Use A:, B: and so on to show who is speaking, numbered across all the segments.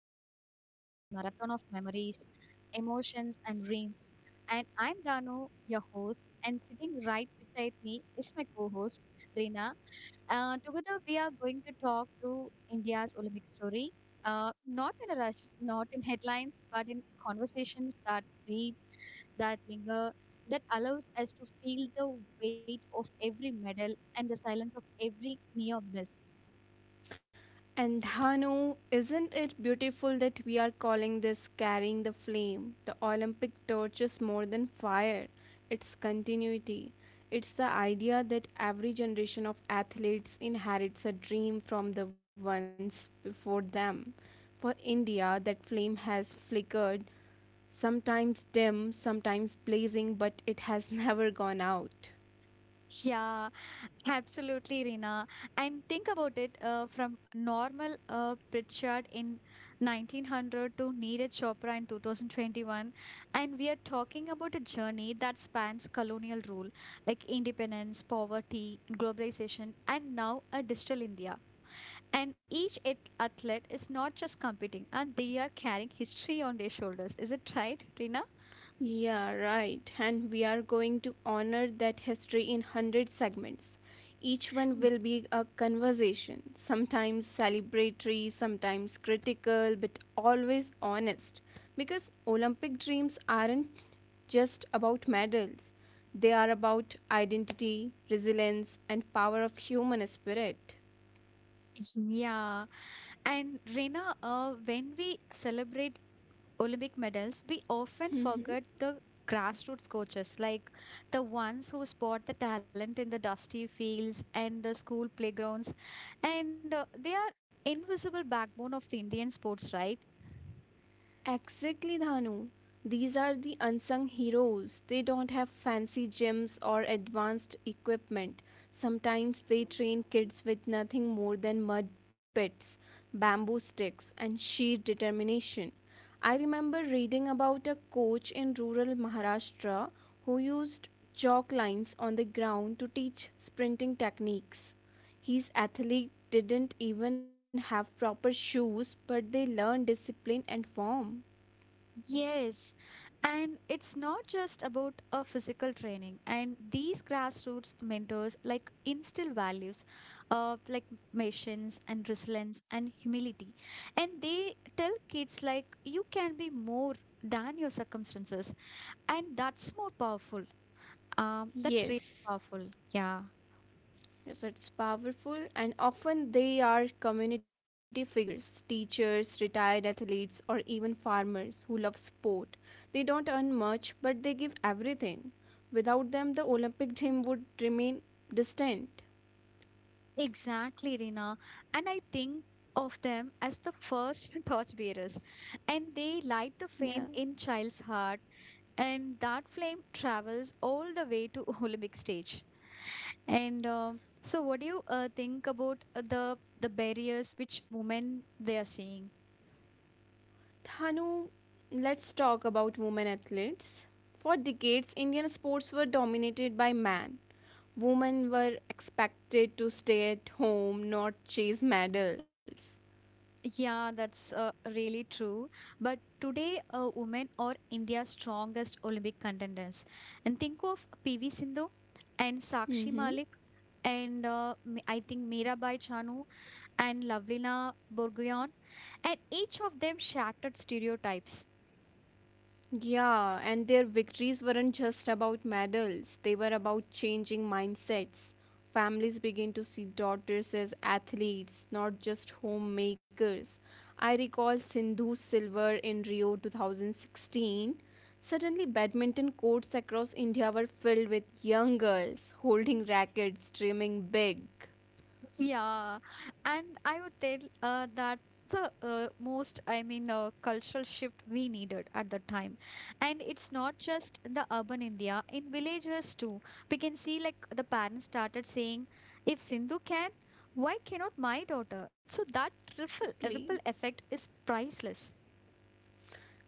A: only describe as a marathon of memories, emotions, and dreams. And I'm Danu, your host, and sitting right beside me is my co host, Reena. Together, we are going to talk through India's Olympic story, not in a rush, not in headlines, but in conversations that breathe, that linger, that allows us to feel the weight of every medal and the silence of every near miss.
B: And Dhanu, isn't it beautiful that we are calling this carrying the flame? The Olympic torch is more than fire, it's continuity. It's the idea that every generation of athletes inherits a dream from the ones before them. For India, that flame has flickered, sometimes dim, sometimes blazing, but it has never gone out.
A: Yeah, absolutely, Reena. And think about it from normal Pritchard in 1900 to Neeraj Chopra in 2021. And we are talking about a journey that spans colonial rule, like independence, poverty, globalization, and now a digital India. And each athlete is not just competing, and they are carrying history on their shoulders. Is it right, Reena?
B: Yeah, right. And we are going to honor that history in 100 segments. Each one will be a conversation, sometimes celebratory, sometimes critical, but always honest. Because Olympic dreams aren't just about medals, they are about identity, resilience, and power of human spirit.
A: Yeah, and Reena, when we celebrate Olympic medals, we often forget the grassroots coaches, like the ones who spot the talent in the dusty fields and the school playgrounds. And they are invisible backbone of the Indian sports, right?
B: Exactly, Dhanu. These are the unsung heroes. They don't have fancy gyms or advanced equipment. Sometimes they train kids with nothing more than mud pits, bamboo sticks, and sheer determination. I remember reading about a coach in rural Maharashtra who used chalk lines on the ground to teach sprinting techniques. His athlete didn't even have proper shoes, but they learned discipline and form.
A: Yes, and it's not just about a physical training. And these grassroots mentors like instill values of like patience and resilience and humility. And they tell kids like you can be more than your circumstances. And that's more powerful. That's really
B: Yes,
A: powerful. Yeah,
B: yes, it's powerful, and often they are community figures, teachers, retired athletes, or even farmers who love sport. They don't earn much, but they give everything. Without them, the Olympic dream would remain distant.
A: exactly, Rina. And I think of them as the first torchbearers and they light the flame
B: Yeah.
A: in child's heart and that flame travels all the way to Olympic stage and so what do you think about the barriers which women they are seeing
B: Thanu, let's talk about women athletes. For decades, Indian sports were dominated by men. Women were expected to stay at home, not chase medals.
A: yeah that's really true but today women are India's strongest Olympic contenders and think of PV Sindhu and Sakshi
B: Mm-hmm.
A: Malik and I think Mirabai Chanu and Lavlina Borguyon and each of them shattered stereotypes.
B: Yeah, and their victories weren't just about medals, they were about changing mindsets. Families began to see daughters as athletes, not just homemakers. I recall Sindhu's silver in Rio 2016. Suddenly, badminton courts across India were filled with young girls holding rackets, dreaming big.
A: Yeah, and I would tell that the most, I mean, cultural shift we needed at the time. And it's not just in the urban India, in villages too. We can see like the parents started saying, if Sindhu can, why cannot my daughter? So that ripple
B: Exactly.
A: effect is priceless.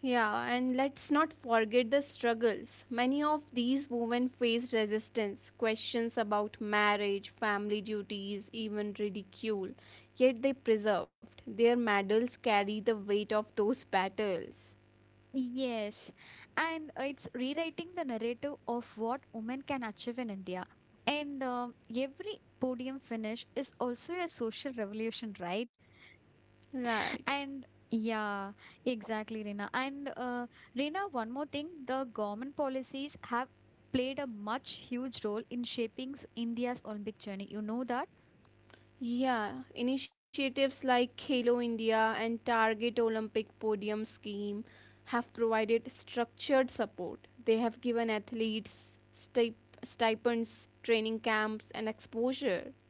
B: Yeah, and let's not forget the struggles. Many of these women faced resistance, questions about marriage, family duties, even ridicule. Yet they preserved. Their medals carry the weight of those battles.
A: Yes, and it's rewriting the narrative of what women can achieve in India. And every podium finish is also a social revolution, right?
B: Right.
A: And yeah, exactly, Reena. And Reena, one more thing, the government policies have played a much huge role in shaping India's Olympic journey. You know that?
B: Yeah, initiatives like Khelo India and Target Olympic Podium Scheme have provided structured support. They have given athletes stipends, training camps, and exposure.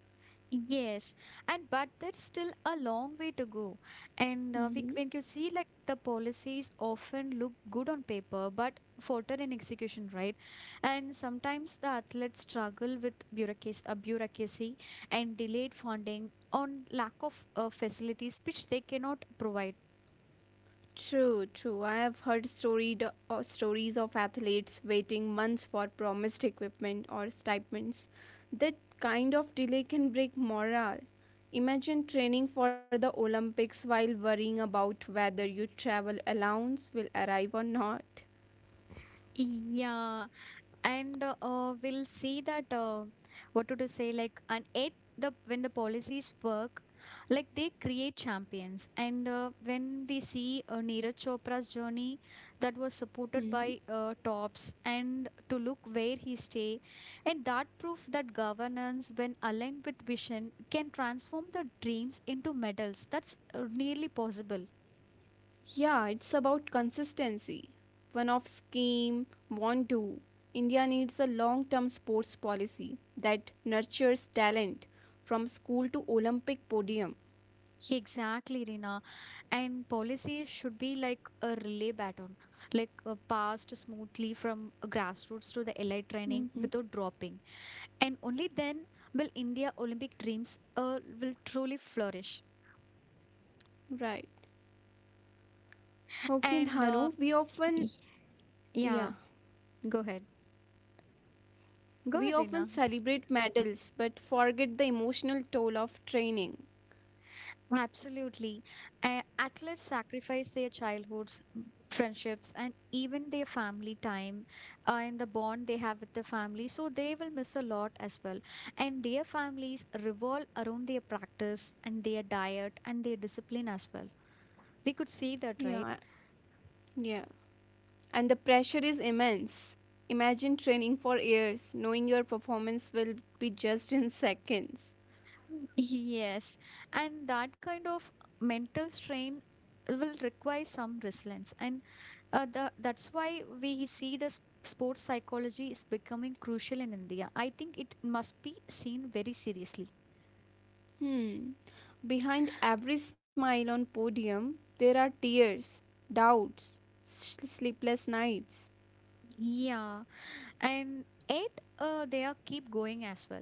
A: Yes, and but there's still a long way to go. And we,
B: Mhm.
A: when you see like the policies often look good on paper, but falter in execution, right? And sometimes the athletes struggle with bureaucracy, bureaucracy and delayed funding on lack of facilities which they cannot provide.
B: True. I have heard storied stories of athletes waiting months for promised equipment or stipends. That kind of delay can break morale. Imagine training for the Olympics while worrying about whether your travel allowance will arrive or not.
A: Yeah, and we'll see that what to say like and it the when the policies work like they create champions and when we see Neeraj Chopra's journey that was supported by tops and to look where he stay and that proof that governance when aligned with vision can transform the dreams into medals that's nearly possible
B: Yeah, it's about consistency. One off scheme, won't do. India needs a long term sports policy that nurtures talent from school to Olympic podium.
A: exactly Rina and policies should be like a relay baton like passed smoothly from grassroots to the elite training without
B: Hmm.
A: dropping and only then will India Olympic dreams will truly flourish
B: Right. Okay,
A: and
B: Dhanu,
A: y-
B: yeah,
A: yeah, go ahead, go
B: we
A: ahead
B: often
A: Rina.
B: celebrate medals but forget the emotional toll of training.
A: Absolutely. Athletes sacrifice their childhoods, friendships, and even their family time and the bond they have with the family. So they will miss a lot as well. And their families revolve around their practice and their diet and their discipline as well. We could see that,
B: Yeah,
A: right?
B: yeah. And the pressure is immense. Imagine training for years, knowing your performance will be judged in seconds.
A: Yes. And that kind of mental strain will require some resilience. And that's why we see the sports psychology is becoming crucial in India. I think it must be seen very seriously.
B: Hmm. Behind every smile on podium, there are tears, doubts, sleepless nights.
A: Yeah. And eight they are keep going as well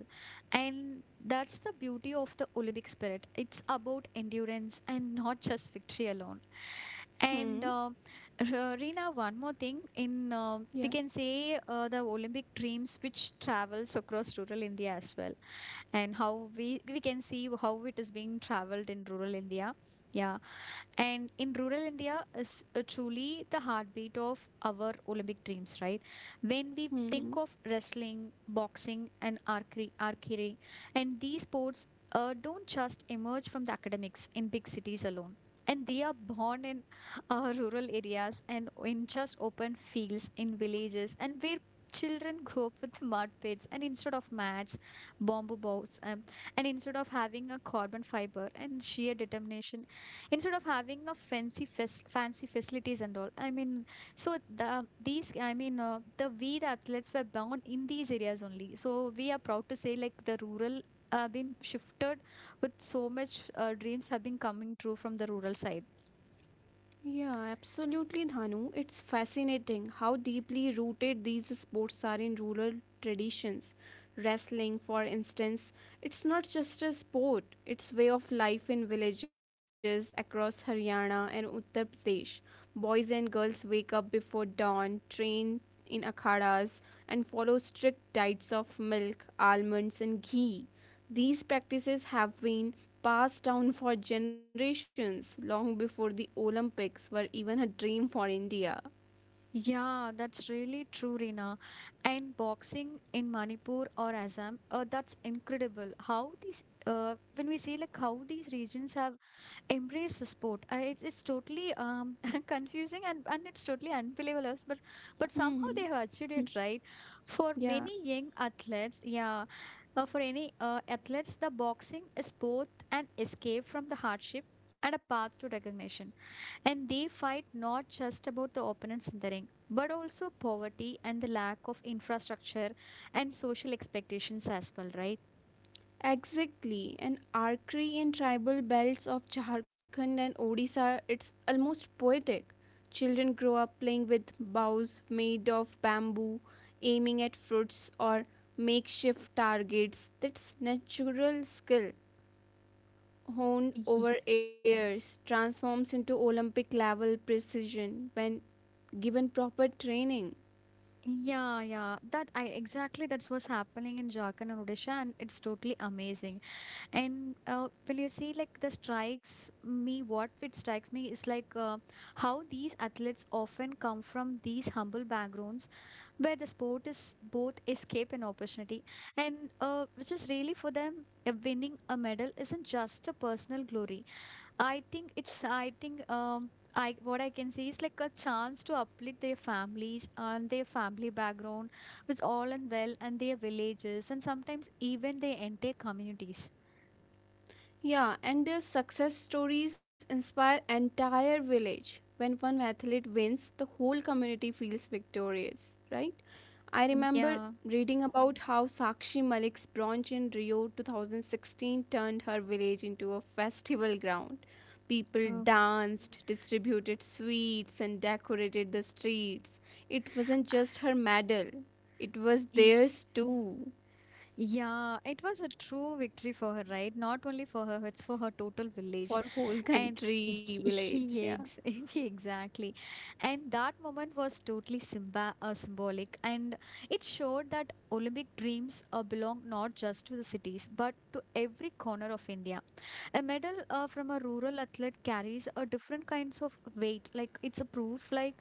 A: and that's the beauty of the Olympic spirit it's about endurance and not just victory alone and
B: Hmm.
A: R- Reena, one more thing in we can
B: Yeah.
A: say the Olympic dreams which travels across rural India as well and how we can see how it is being traveled in rural India yeah and in rural India is truly the heartbeat of our Olympic dreams right when we think
B: Hmm.
A: of wrestling, boxing, and archery, and these sports don't just emerge from the academics in big cities alone. And they are born in rural areas and in just open fields in villages and where children grow up with mud pits and instead of mats, bamboo boats, and instead of having a carbon fiber and sheer determination, instead of having a fancy facilities and all I mean so the these I mean, the we the athletes were born in these areas only. So we are proud to say like the rural been shifted with so much dreams have been coming true from the rural side.
B: Yeah, absolutely, Dhanu. It's fascinating how deeply rooted these sports are in rural traditions. Wrestling, for instance, it's not just a sport, it's way of life in villages across Haryana and Uttar Pradesh. Boys and girls wake up before dawn, train in akhadas, and follow strict diets of milk, almonds, and ghee. These practices have been passed down for generations long before the Olympics were even a dream for India.
A: Yeah, that's really true, Rina. And boxing in Manipur or Assam, that's incredible. How these, when we say like how these regions have embraced the sport, it, it's totally confusing and it's totally unbelievable, but somehow they
B: Hmm.
A: have achieved it, right? For
B: Yeah,
A: many young athletes, yeah, for any athletes, the boxing is both an escape from the hardship and a path to recognition. And they fight not just about the opponents in the ring, but also poverty and the lack of infrastructure and social expectations as well, right?
B: exactly. And archery in tribal belts of Jharkhand and Odisha, it's almost poetic. Children grow up playing with bows made of bamboo, aiming at fruits or makeshift targets. That's natural skill honed
A: Ye-
B: over years, transforms into Olympic level precision when given proper training.
A: Yeah, yeah. That I exactly that's what's happening in Jharkhand and Odisha, and it's totally amazing. And will you see like the strikes me? What it strikes me is like how these athletes often come from these humble backgrounds where the sport is both escape and opportunity and which is really for them winning a medal isn't just a personal glory I think it's I think I, what I can see is like a chance to uplift their families and their family background with all and well and their villages and sometimes even their entire communities.
B: Yeah, and their success stories inspire entire village. When one athlete wins, the whole community feels victorious, right? I remember
A: Yeah.
B: reading about how Sakshi Malik's bronze in Rio 2016 turned her village into a festival ground. People
A: Oh.
B: danced, distributed sweets, and decorated the streets. It wasn't just her medal, it was theirs too,
A: Yeah, it was a true victory for her, right? Not only for her, it's for her total village.
B: for whole
A: And
B: country, village, yeah.
A: he ex- exactly. And that moment was totally symba symbolic. And it showed that Olympic dreams belong not just to the cities, but to every corner of India. A medal from a rural athlete carries a different kinds of weight. Like it's a proof, like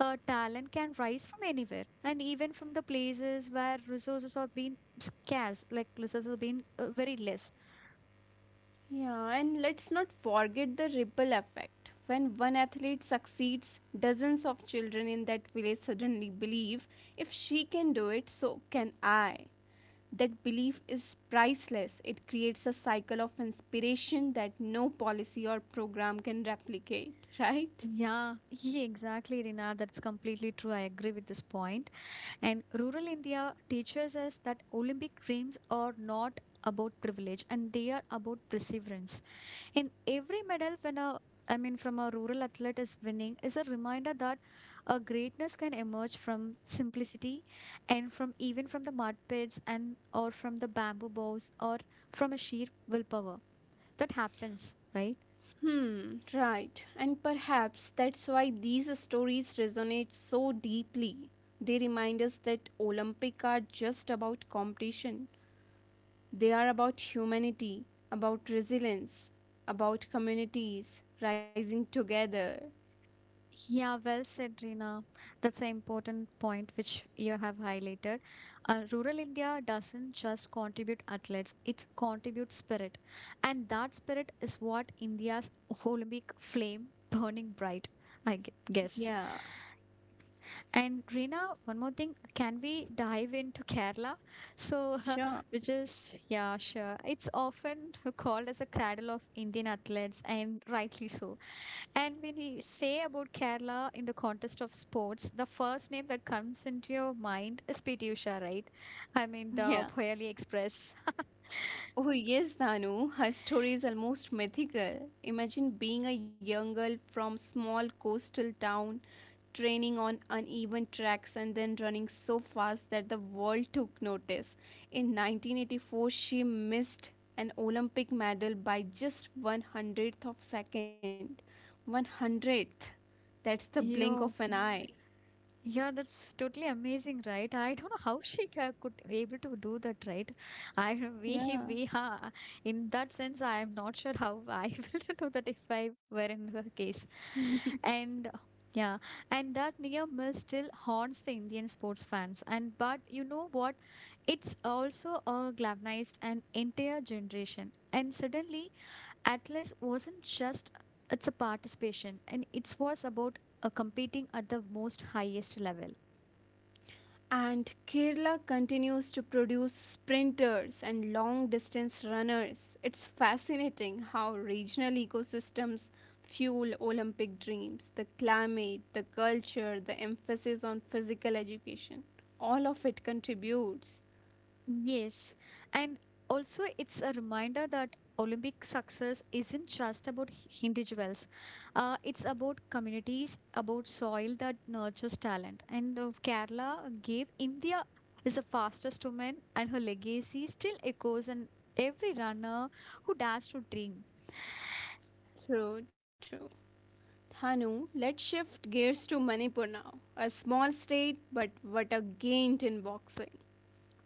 A: talent can rise from anywhere and even from the places where resources are being scarce, like resources are being very less.
B: Yeah, and let's not forget the ripple effect. When one athlete succeeds, dozens of children in that village suddenly believe if she can do it, so can I. That belief is priceless. It creates a cycle of inspiration that no policy or program can replicate, right?
A: Yeah, yeah, exactly, Rina. That's completely true. I agree with this point. And rural India teaches us that Olympic dreams are not about privilege and they are about perseverance. In every medal when a I mean from a rural athlete is winning is a reminder that a greatness can emerge from simplicity and from even from the mud pits and or from the bamboo bows or from a sheer willpower that happens right.
B: Hmm, right. And perhaps that's why these stories resonate so deeply. They remind us that Olympic are just about competition. They are about humanity, about resilience, about communities rising together.
A: Yeah, well said, Reena. That's an important point which you have highlighted. Rural India doesn't just contribute athletes, it contributes spirit. And that spirit is what India's Olympic flame burning bright, I guess.
B: Yeah,
A: And Reena, one more thing, can we dive into Kerala? So,
B: sure.
A: which is, yeah, sure. It's often called as a cradle of Indian athletes, and rightly so and when we say about Kerala in the context of sports, the first name that comes into your mind is PT Usha, right? I mean, the
B: Yeah.
A: Poyali Express.
B: Oh, yes, Danu. Her story is almost mythical. Imagine being a young girl from small coastal town, training on uneven tracks and then running so fast that the world took notice. In 1984, she missed an Olympic medal by just one 100th of second. One 100th. That's the blink of an
A: Yo,
B: eye.
A: yeah, that's totally amazing, right? I don't know how could able to do that, right? I don't-
B: Yeah.
A: we ha in that sense, I am not sure how I will do that if I were in her case. And yeah, and that near miss still haunts the Indian sports fans. And but you know what? It's also galvanized an entire generation. And suddenly, Atlas wasn't just it's a participation and it was about a competing at the most highest level.
B: And Kerala continues to produce sprinters and long distance runners. It's fascinating how regional ecosystems fuel Olympic dreams the climate, the culture, the emphasis on physical education. All of it contributes.
A: Yes, and also it's a reminder that Olympic success isn't just about individuals. It's about communities, about soil that nurtures talent. And Kerala gave India is the fastest woman, and her legacy still echoes in every runner who dares to dream.
B: True. Thanu, let's shift gears to Manipur now. A small state, but what a gain in boxing.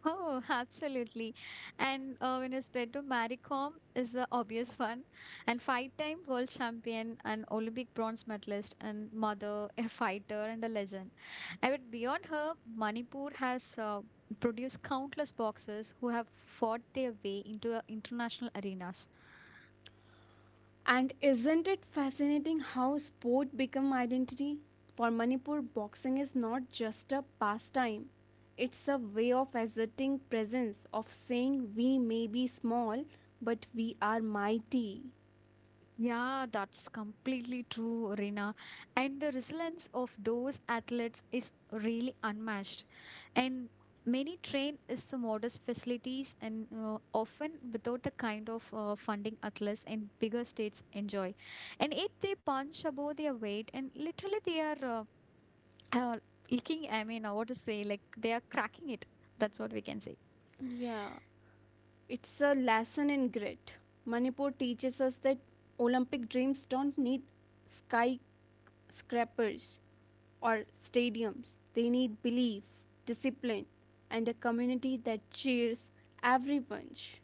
A: Oh, absolutely. And when it's paired to Marie Kom is the obvious one. And five-time world champion and Olympic bronze medalist and mother, a fighter and a legend. And but beyond her, Manipur has produced countless boxers who have fought their way into international arenas.
B: And isn't it fascinating how sport become identity? For Manipur, boxing is not just a pastime. It's a way of asserting presence, of saying we may be small, but we are mighty.
A: Yeah, that's completely true, Rina. And the resilience of those athletes is really unmatched. And many train is the modest facilities and often without the kind of funding athletes in bigger states enjoy. And if they punch above their weight, and literally they are uh, licking, I mean, what to say, like they are cracking it. That's what we can say.
B: Yeah, it's a lesson in grit. Manipur teaches us that Olympic dreams don't need skyscrapers or stadiums. They need belief, discipline, and a community that cheers every punch.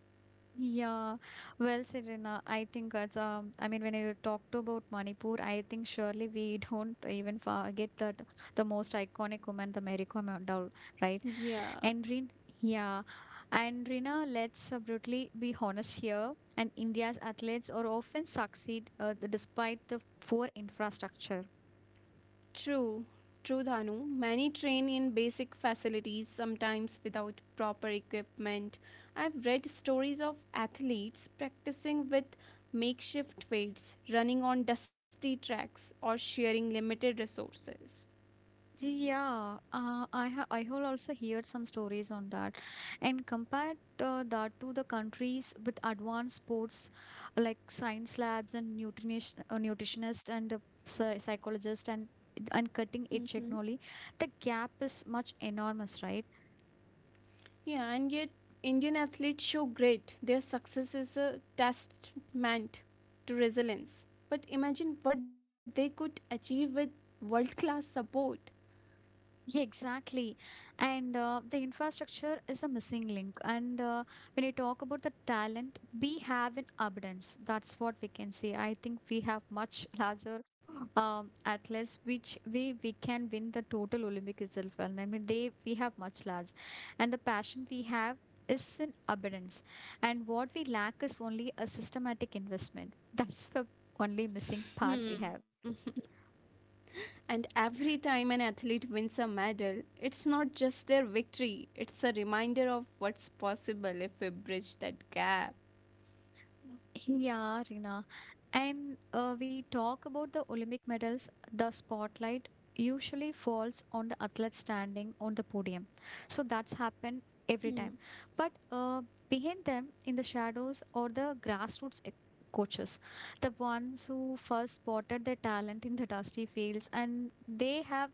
A: Yeah, well, Serena, I think it's I mean, when you talked about Manipur, I think surely we don't even forget that the most iconic woman, the Mary Kom doll, right?
B: Yeah,
A: And Rin, yeah, and Rina, let's brutally be honest here. And India's athletes are often succeed despite the poor infrastructure.
B: true. True, Dhanu. Many train in basic facilities, sometimes without proper equipment. I've read stories of athletes practicing with makeshift weights, running on dusty tracks, or sharing limited resources.
A: Yeah, I have also heard some stories on that. And compared that to the countries with advanced sports like science labs and nutrition nutritionist and psychologist and cutting edge
B: Mhm.
A: technology, the gap is much enormous, right?
B: Yeah, and yet Indian athletes show great. Their success is a testament to resilience. But imagine what they could achieve with world class support.
A: Yeah, exactly. And the infrastructure is a missing link. And when you talk about the talent, we have in abundance. That's what we can say. I think we have much larger athletes, which we can win the total Olympic itself. And I mean, they we have much large, and the passion we have is in abundance. And what we lack is only a systematic investment. That's the only missing part we
B: Hmm.
A: have.
B: And every time an athlete wins a medal, it's not just their victory, it's a reminder of what's possible if we bridge that gap.
A: Yeah, Rina. And we talk about the Olympic medals, the spotlight usually falls on the athlete standing on the podium. So that's happened every time. But behind them, in the shadows, or the grassroots coaches, the ones who first spotted their talent in the dusty fields, and they have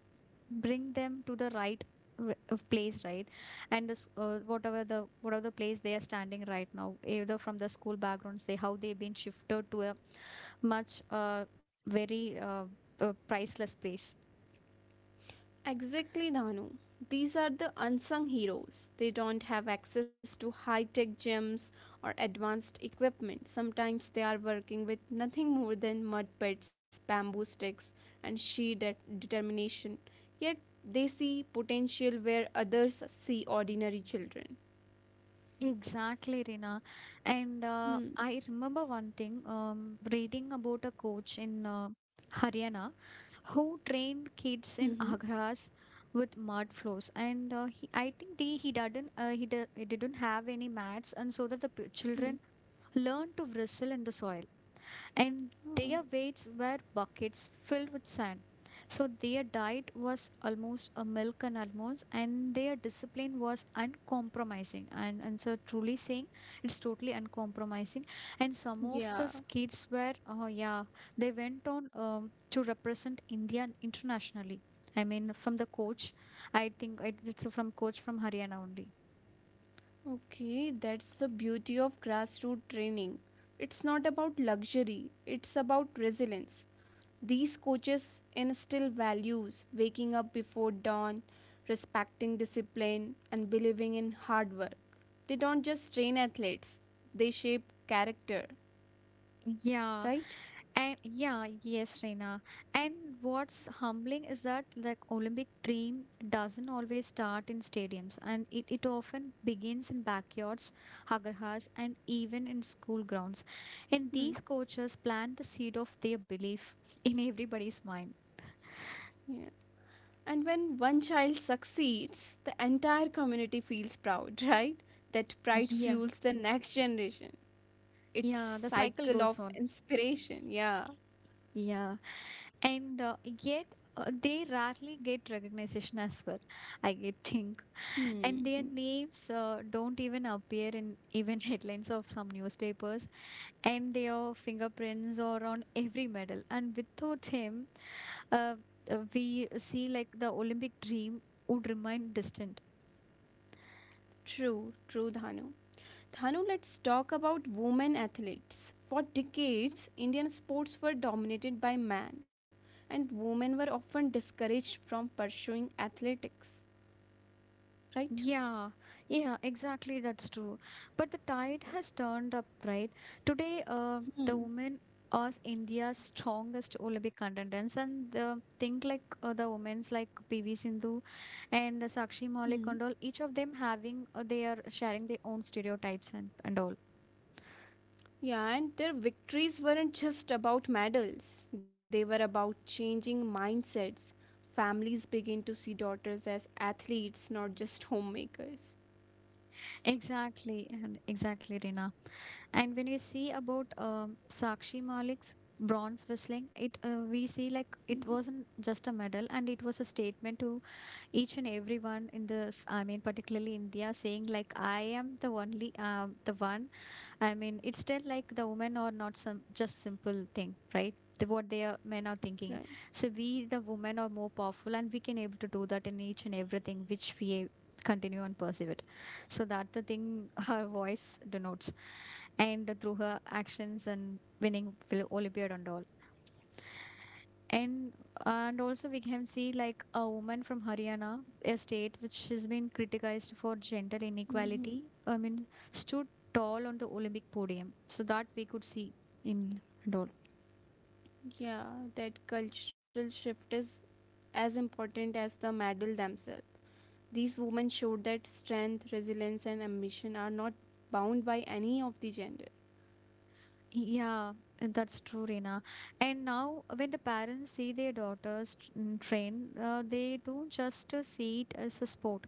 A: bring them to the right of place right and this, whatever the place they are standing right now either from the school backgrounds they how they've been shifted to a much very priceless place.
B: Exactly, Danu. These are the unsung heroes. They don't have access to high tech gyms or advanced equipment. Sometimes they are working with nothing more than mud pits, bamboo sticks, and sheer determination. Yet they see potential where others see ordinary children.
A: Exactly, Rina. And
B: Hmm.
A: I remember one thing reading about a coach in Haryana who trained kids
B: Mm-hmm.
A: in Agra's with mud floors. And I think he didn't have any mats, and so that the
B: Hmm.
A: children learned to wrestle in the soil and
B: Oh,
A: their weights were buckets filled with sand. So their diet was almost a milk and almonds, and their discipline was uncompromising. And so, truly saying, it's totally uncompromising. And some of the
B: yeah.
A: kids were, oh yeah, they went on to represent India internationally. I mean, from the coach, I think it's from coach from Haryana only.
B: Okay, that's the beauty of grassroots training. It's not about luxury, it's about resilience. These coaches instill values waking up before dawn, respecting discipline, and believing in hard work. They don't just train athletes, they shape character,
A: Yeah.
B: right?
A: And yeah, yes, Reena. And what's humbling is that like Olympic dream doesn't always start in stadiums and it often begins in backyards, agarhas, and even in school grounds. And these
B: Hmm.
A: coaches plant the seed of their belief in everybody's mind.
B: Yeah. And when one child succeeds, the entire community feels proud, right? That pride
A: Yeah,
B: fuels the next generation. Its
A: yeah, the cycle
B: cycle of
A: goes on.
B: inspiration. Yeah.
A: Yeah, and yet they rarely get recognition as well. I get think and
B: Hmm.
A: their
B: Hmm.
A: names don't even appear in even headlines of some newspapers and their fingerprints are on every medal and without him uh, we see like the olympic dream would remain distant.
B: True, Dhanu. Dhanu, let's talk about women athletes. For decades, Indian sports were dominated by men, and women were often discouraged from pursuing athletics. Right?
A: Yeah, yeah, exactly. That's true. But the tide has turned up, right? Today, the
B: Hmm.
A: women are India's strongest Olympic contenders, and the think like the women's like PV Sindhu and Sakshi
B: Hmm.
A: Malik and all. Each of them having they are sharing their own stereotypes and all.
B: Yeah, and their victories weren't just about medals, they were about changing mindsets. Families begin to see daughters as athletes, not just homemakers.
A: Exactly, and exactly, Reena. And when you see about Sakshi Malik's bronze whistling, it we see like it wasn't just a medal, and it was a statement to each and everyone in this I mean particularly india saying like I am the only the one I mean it's still like the women are not some just simple thing right the, what they are men are thinking
B: Right.
A: so we the women are more powerful and we can able to do that in each and everything which we continue and pursue it so that the thing her voice denotes and through her actions and winning olympiad and all and and also we can see like a woman from Haryana, a state which has been criticized for gender
B: Hmm.
A: inequality. I mean, stood tall on the Olympic podium, so that we could see in doll.
B: Yeah, that cultural shift is as important as the medal themselves. These women showed that strength, resilience, and ambition are not bound by any of the gender
A: Yeah, and that's true, Reena. And now, when the parents see their daughters train, they don't just see it as a sport.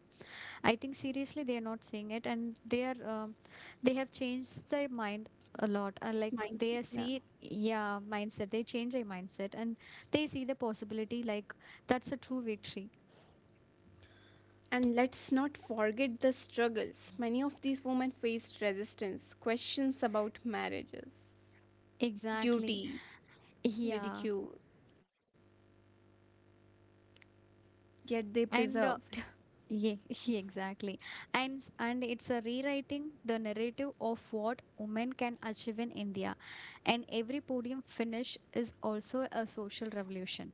A: I think seriously they are not seeing it, and they are they have changed their mind a lot. Like they
B: mindset.
A: are
B: Yeah.
A: see, yeah, mindset. They change their mindset, and they see the possibility. Like that's a true victory.
B: And let's not forget the struggles. Many of these women faced resistance, questions about marriages,
A: Exactly.
B: duties,
A: Yeah.
B: ridicule, yet they
A: And
B: preserved.
A: yeah, yeah, exactly. And and it's a rewriting the narrative of what women can achieve in India. And every podium finish is also a social revolution.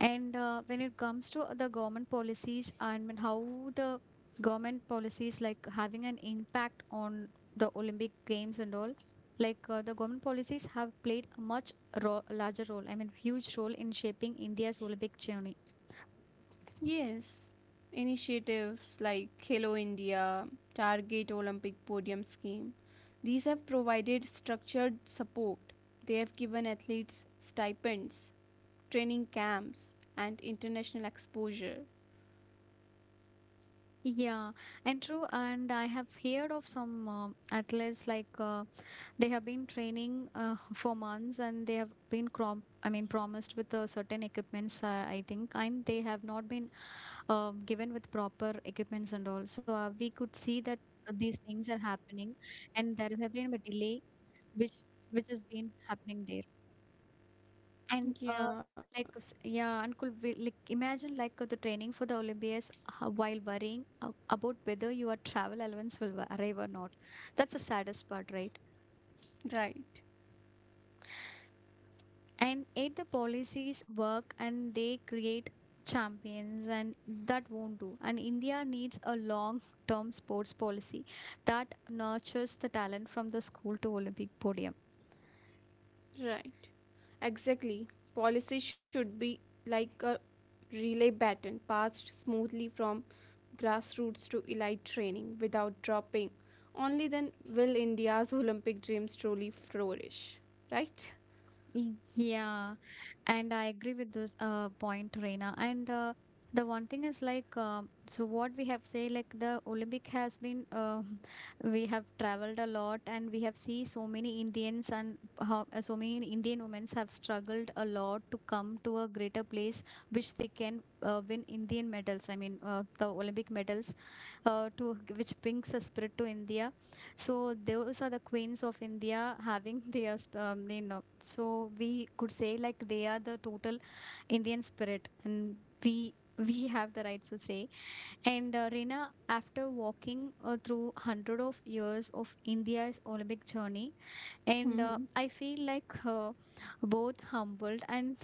A: And when it comes to the government policies and when how the government policies like having an impact on the Olympic Games and all, like the government policies have played a much ro larger role, I mean, huge role in shaping India's Olympic journey.
B: Yes, initiatives like Hello India, Target Olympic Podium Scheme, these have provided structured support. They have given athletes stipends, training camps, and international exposure.
A: Yeah, and true. And I have heard of some athletes like they have been training for months and they have been crom I mean promised with certain equipments, I think, and they have not been given with proper equipments and all. So we could see that these things are happening, and there have been a delay which which has been happening there. And
B: Yeah,
A: yeah, and could we like imagine like the training for the Olympiads while worrying about whether your travel allowance will arrive or not. That's the saddest part, right?
B: right,
A: And eight, the policies work and they create champions, and that won't do. And India needs a long-term sports policy that nurtures the talent from the school to Olympic podium.
B: right. Exactly. Policy should be like a relay baton passed smoothly from grassroots to elite training without dropping. Only then will India's Olympic dreams truly flourish, right?
A: Yeah. And I agree with this point, Reena. And the one thing is like, so what we have say, like the Olympic has been, we have traveled a lot, and we have see so many Indians and how so many Indian women have struggled a lot to come to a greater place, which they can win Indian medals. I mean, the Olympic medals, to which brings a spirit to India so those are the queens of India having their, you know, so we could say like they are the total Indian spirit, and we have the rights to say. And Reena, after walking through hundred of years of India's Olympic journey, and I
B: Hmm.
A: feel like both humbled and.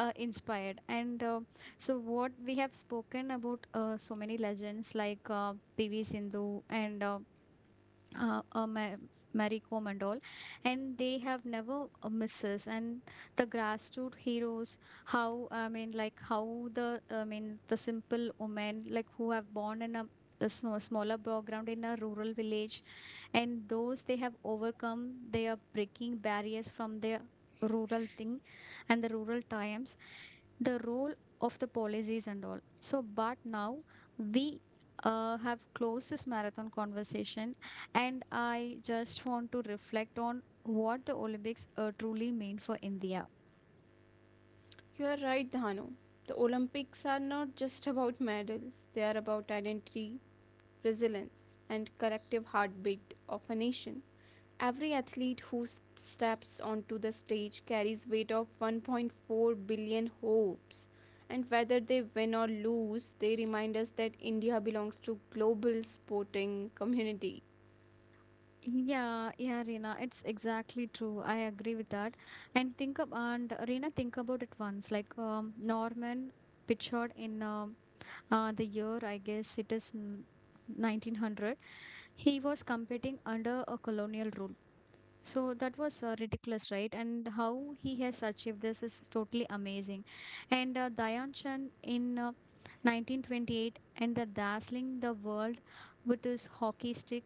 A: Inspired and so what we have spoken about so many legends like pv sindhu and uh, a ma- Marie Kom and all, and they have never misses. And the grassroots heroes, how I mean, like how the I mean the simple women like who have born in a smaller background in a rural village, and those they have overcome, they are breaking barriers from their rural thing and the rural triumphs the role of the policies and all so but now we have closed this marathon conversation and I just want to reflect on what the Olympics truly mean for India.
B: You are right, Dhanu. The Olympics are not just about medals, they are about identity, resilience, and collective heartbeat of a nation. Every athlete who steps onto the stage carries weight of 1.4 billion hopes and whether they win or lose they remind us that India belongs to global sporting community.
A: Yeah, yeah, Reena, it's exactly true. I agree with that. And think ab and Reena, think about it once. Like Norman Pichard in the year, I guess it is 1900. He was competing under a colonial rule. So that was ridiculous, right? And how he has achieved this is totally amazing. And Dayan Chand in 1928 and the dazzling the world with his hockey stick.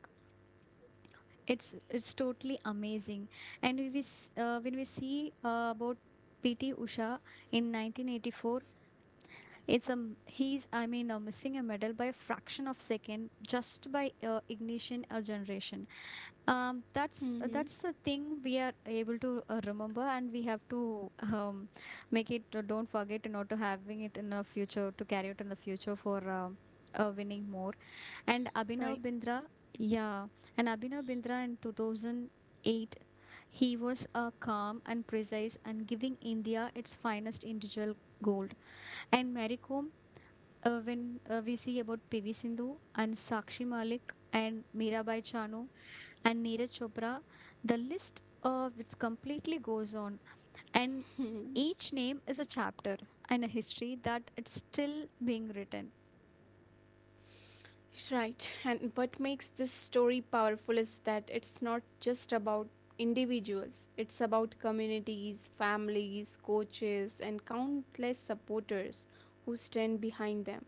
A: It's totally amazing. And when we see about PT Usha in 1984, it's a he's I mean missing a medal by a fraction of second just by ignition a generation
B: Hmm.
A: that's the thing we are able to remember and we have to make it don't forget to know to having it in the future to carry it in the future for winning more and
B: Right.
A: abhinav bindra yeah and abhinav bindra in 2008 he was a calm and precise and giving india its finest individual gold and Mary Kom, when we see about PV Sindhu and Sakshi Malik and Mirabai Chanu and Neeraj Chopra. The list of which completely goes on, and each name is a chapter and a history that it's still being written.
B: Right, and what makes this story powerful is that it's not just about individuals, it's about communities, families, coaches, and countless supporters who stand behind them.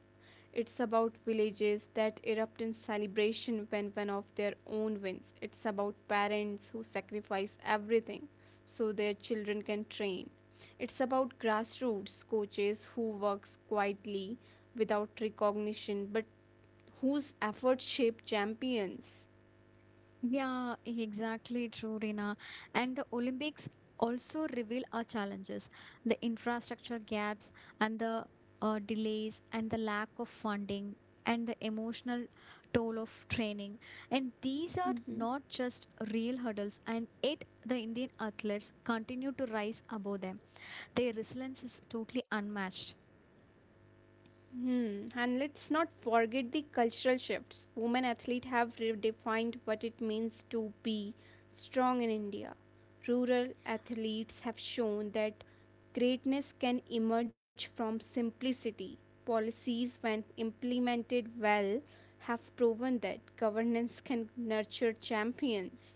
B: It's about villages that erupt in celebration when one of their own wins. It's about parents who sacrifice everything so their children can train. It's about grassroots coaches who works quietly without recognition but whose efforts shape champions.
A: Yeah, exactly true, Rina. And the Olympics also reveal our challenges, the infrastructure gaps and the delays and the lack of funding and the emotional toll of training and these are
B: Hmm.
A: not just real hurdles and yet the indian athletes continue to rise above them. Their resilience is totally unmatched.
B: Hmm. And let's not forget the cultural shifts. Women athletes have redefined what it means to be strong in India. Rural athletes have shown that greatness can emerge from simplicity. Policies, when implemented well, have proven that governance can nurture champions.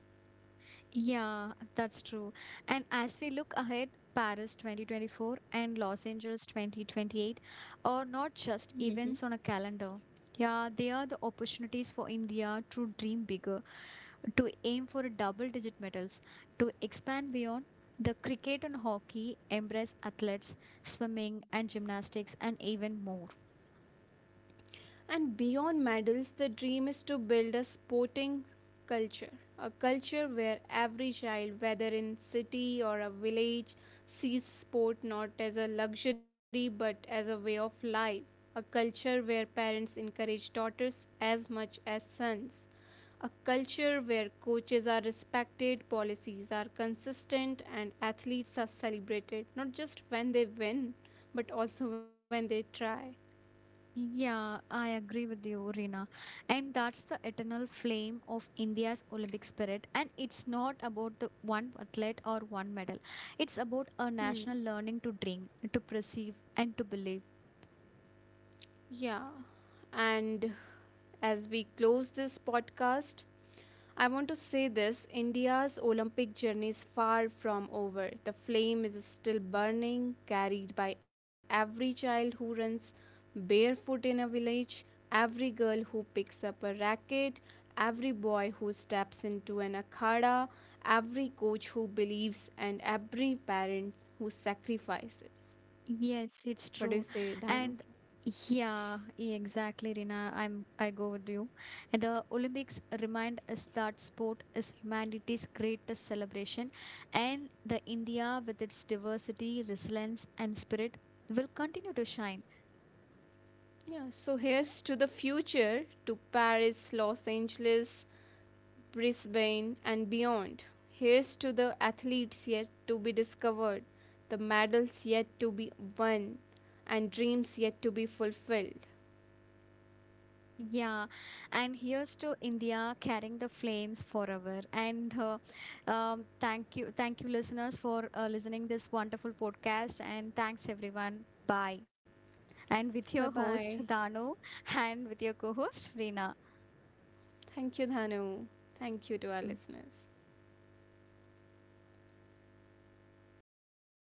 A: Yeah, that's true. And as we look ahead, Paris 2024 and Los Angeles 2028 are not just
B: Hmm.
A: events on a calendar. Yeah, they are the opportunities for India to dream bigger, to aim for double digit medals, to expand beyond the cricket and hockey, embrace athletes, swimming and gymnastics, and even more.
B: And beyond medals, the dream is to build a sporting culture, a culture where every child, whether in city or a village, sees sport not as a luxury but as a way of life, a culture where parents encourage daughters as much as sons. A culture where coaches are respected, policies are consistent, and athletes are celebrated not just when they win but also when they try.
A: Yeah, I agree with you, Rina. And that's the eternal flame of India's Olympic spirit. And it's not about the one athlete or one medal. It's about a
B: Hmm.
A: national learning to dream, to perceive, and to believe.
B: Yeah. And as we close this podcast, I want to say this India's Olympic journey is far from over. The flame is still burning, carried by every child who runs barefoot in a village, every girl who picks up a racket, every boy who steps into an akhada, every coach who believes, and every parent who sacrifices.
A: Yes, it's
B: What do you
A: true.
B: say, Dhanu?
A: And yeah, yeah, exactly, Rina. I go with you. And the Olympics remind us that sport is humanity's greatest celebration, and the India with its diversity, resilience, and spirit will continue to shine.
B: Yeah, so here's to the future, to Paris, Los Angeles, Brisbane, and beyond. Here's to the athletes yet to be discovered, the medals yet to be won, and dreams yet to be fulfilled.
A: Yeah, and here's to India carrying the flames forever. And thank you, listeners, for listening this wonderful podcast. And thanks everyone. Bye. And
B: Bye
A: with your
B: bye.
A: host Dano, and with your co-host Reena.
B: Thank you, Dhanu. Thank you to our listeners.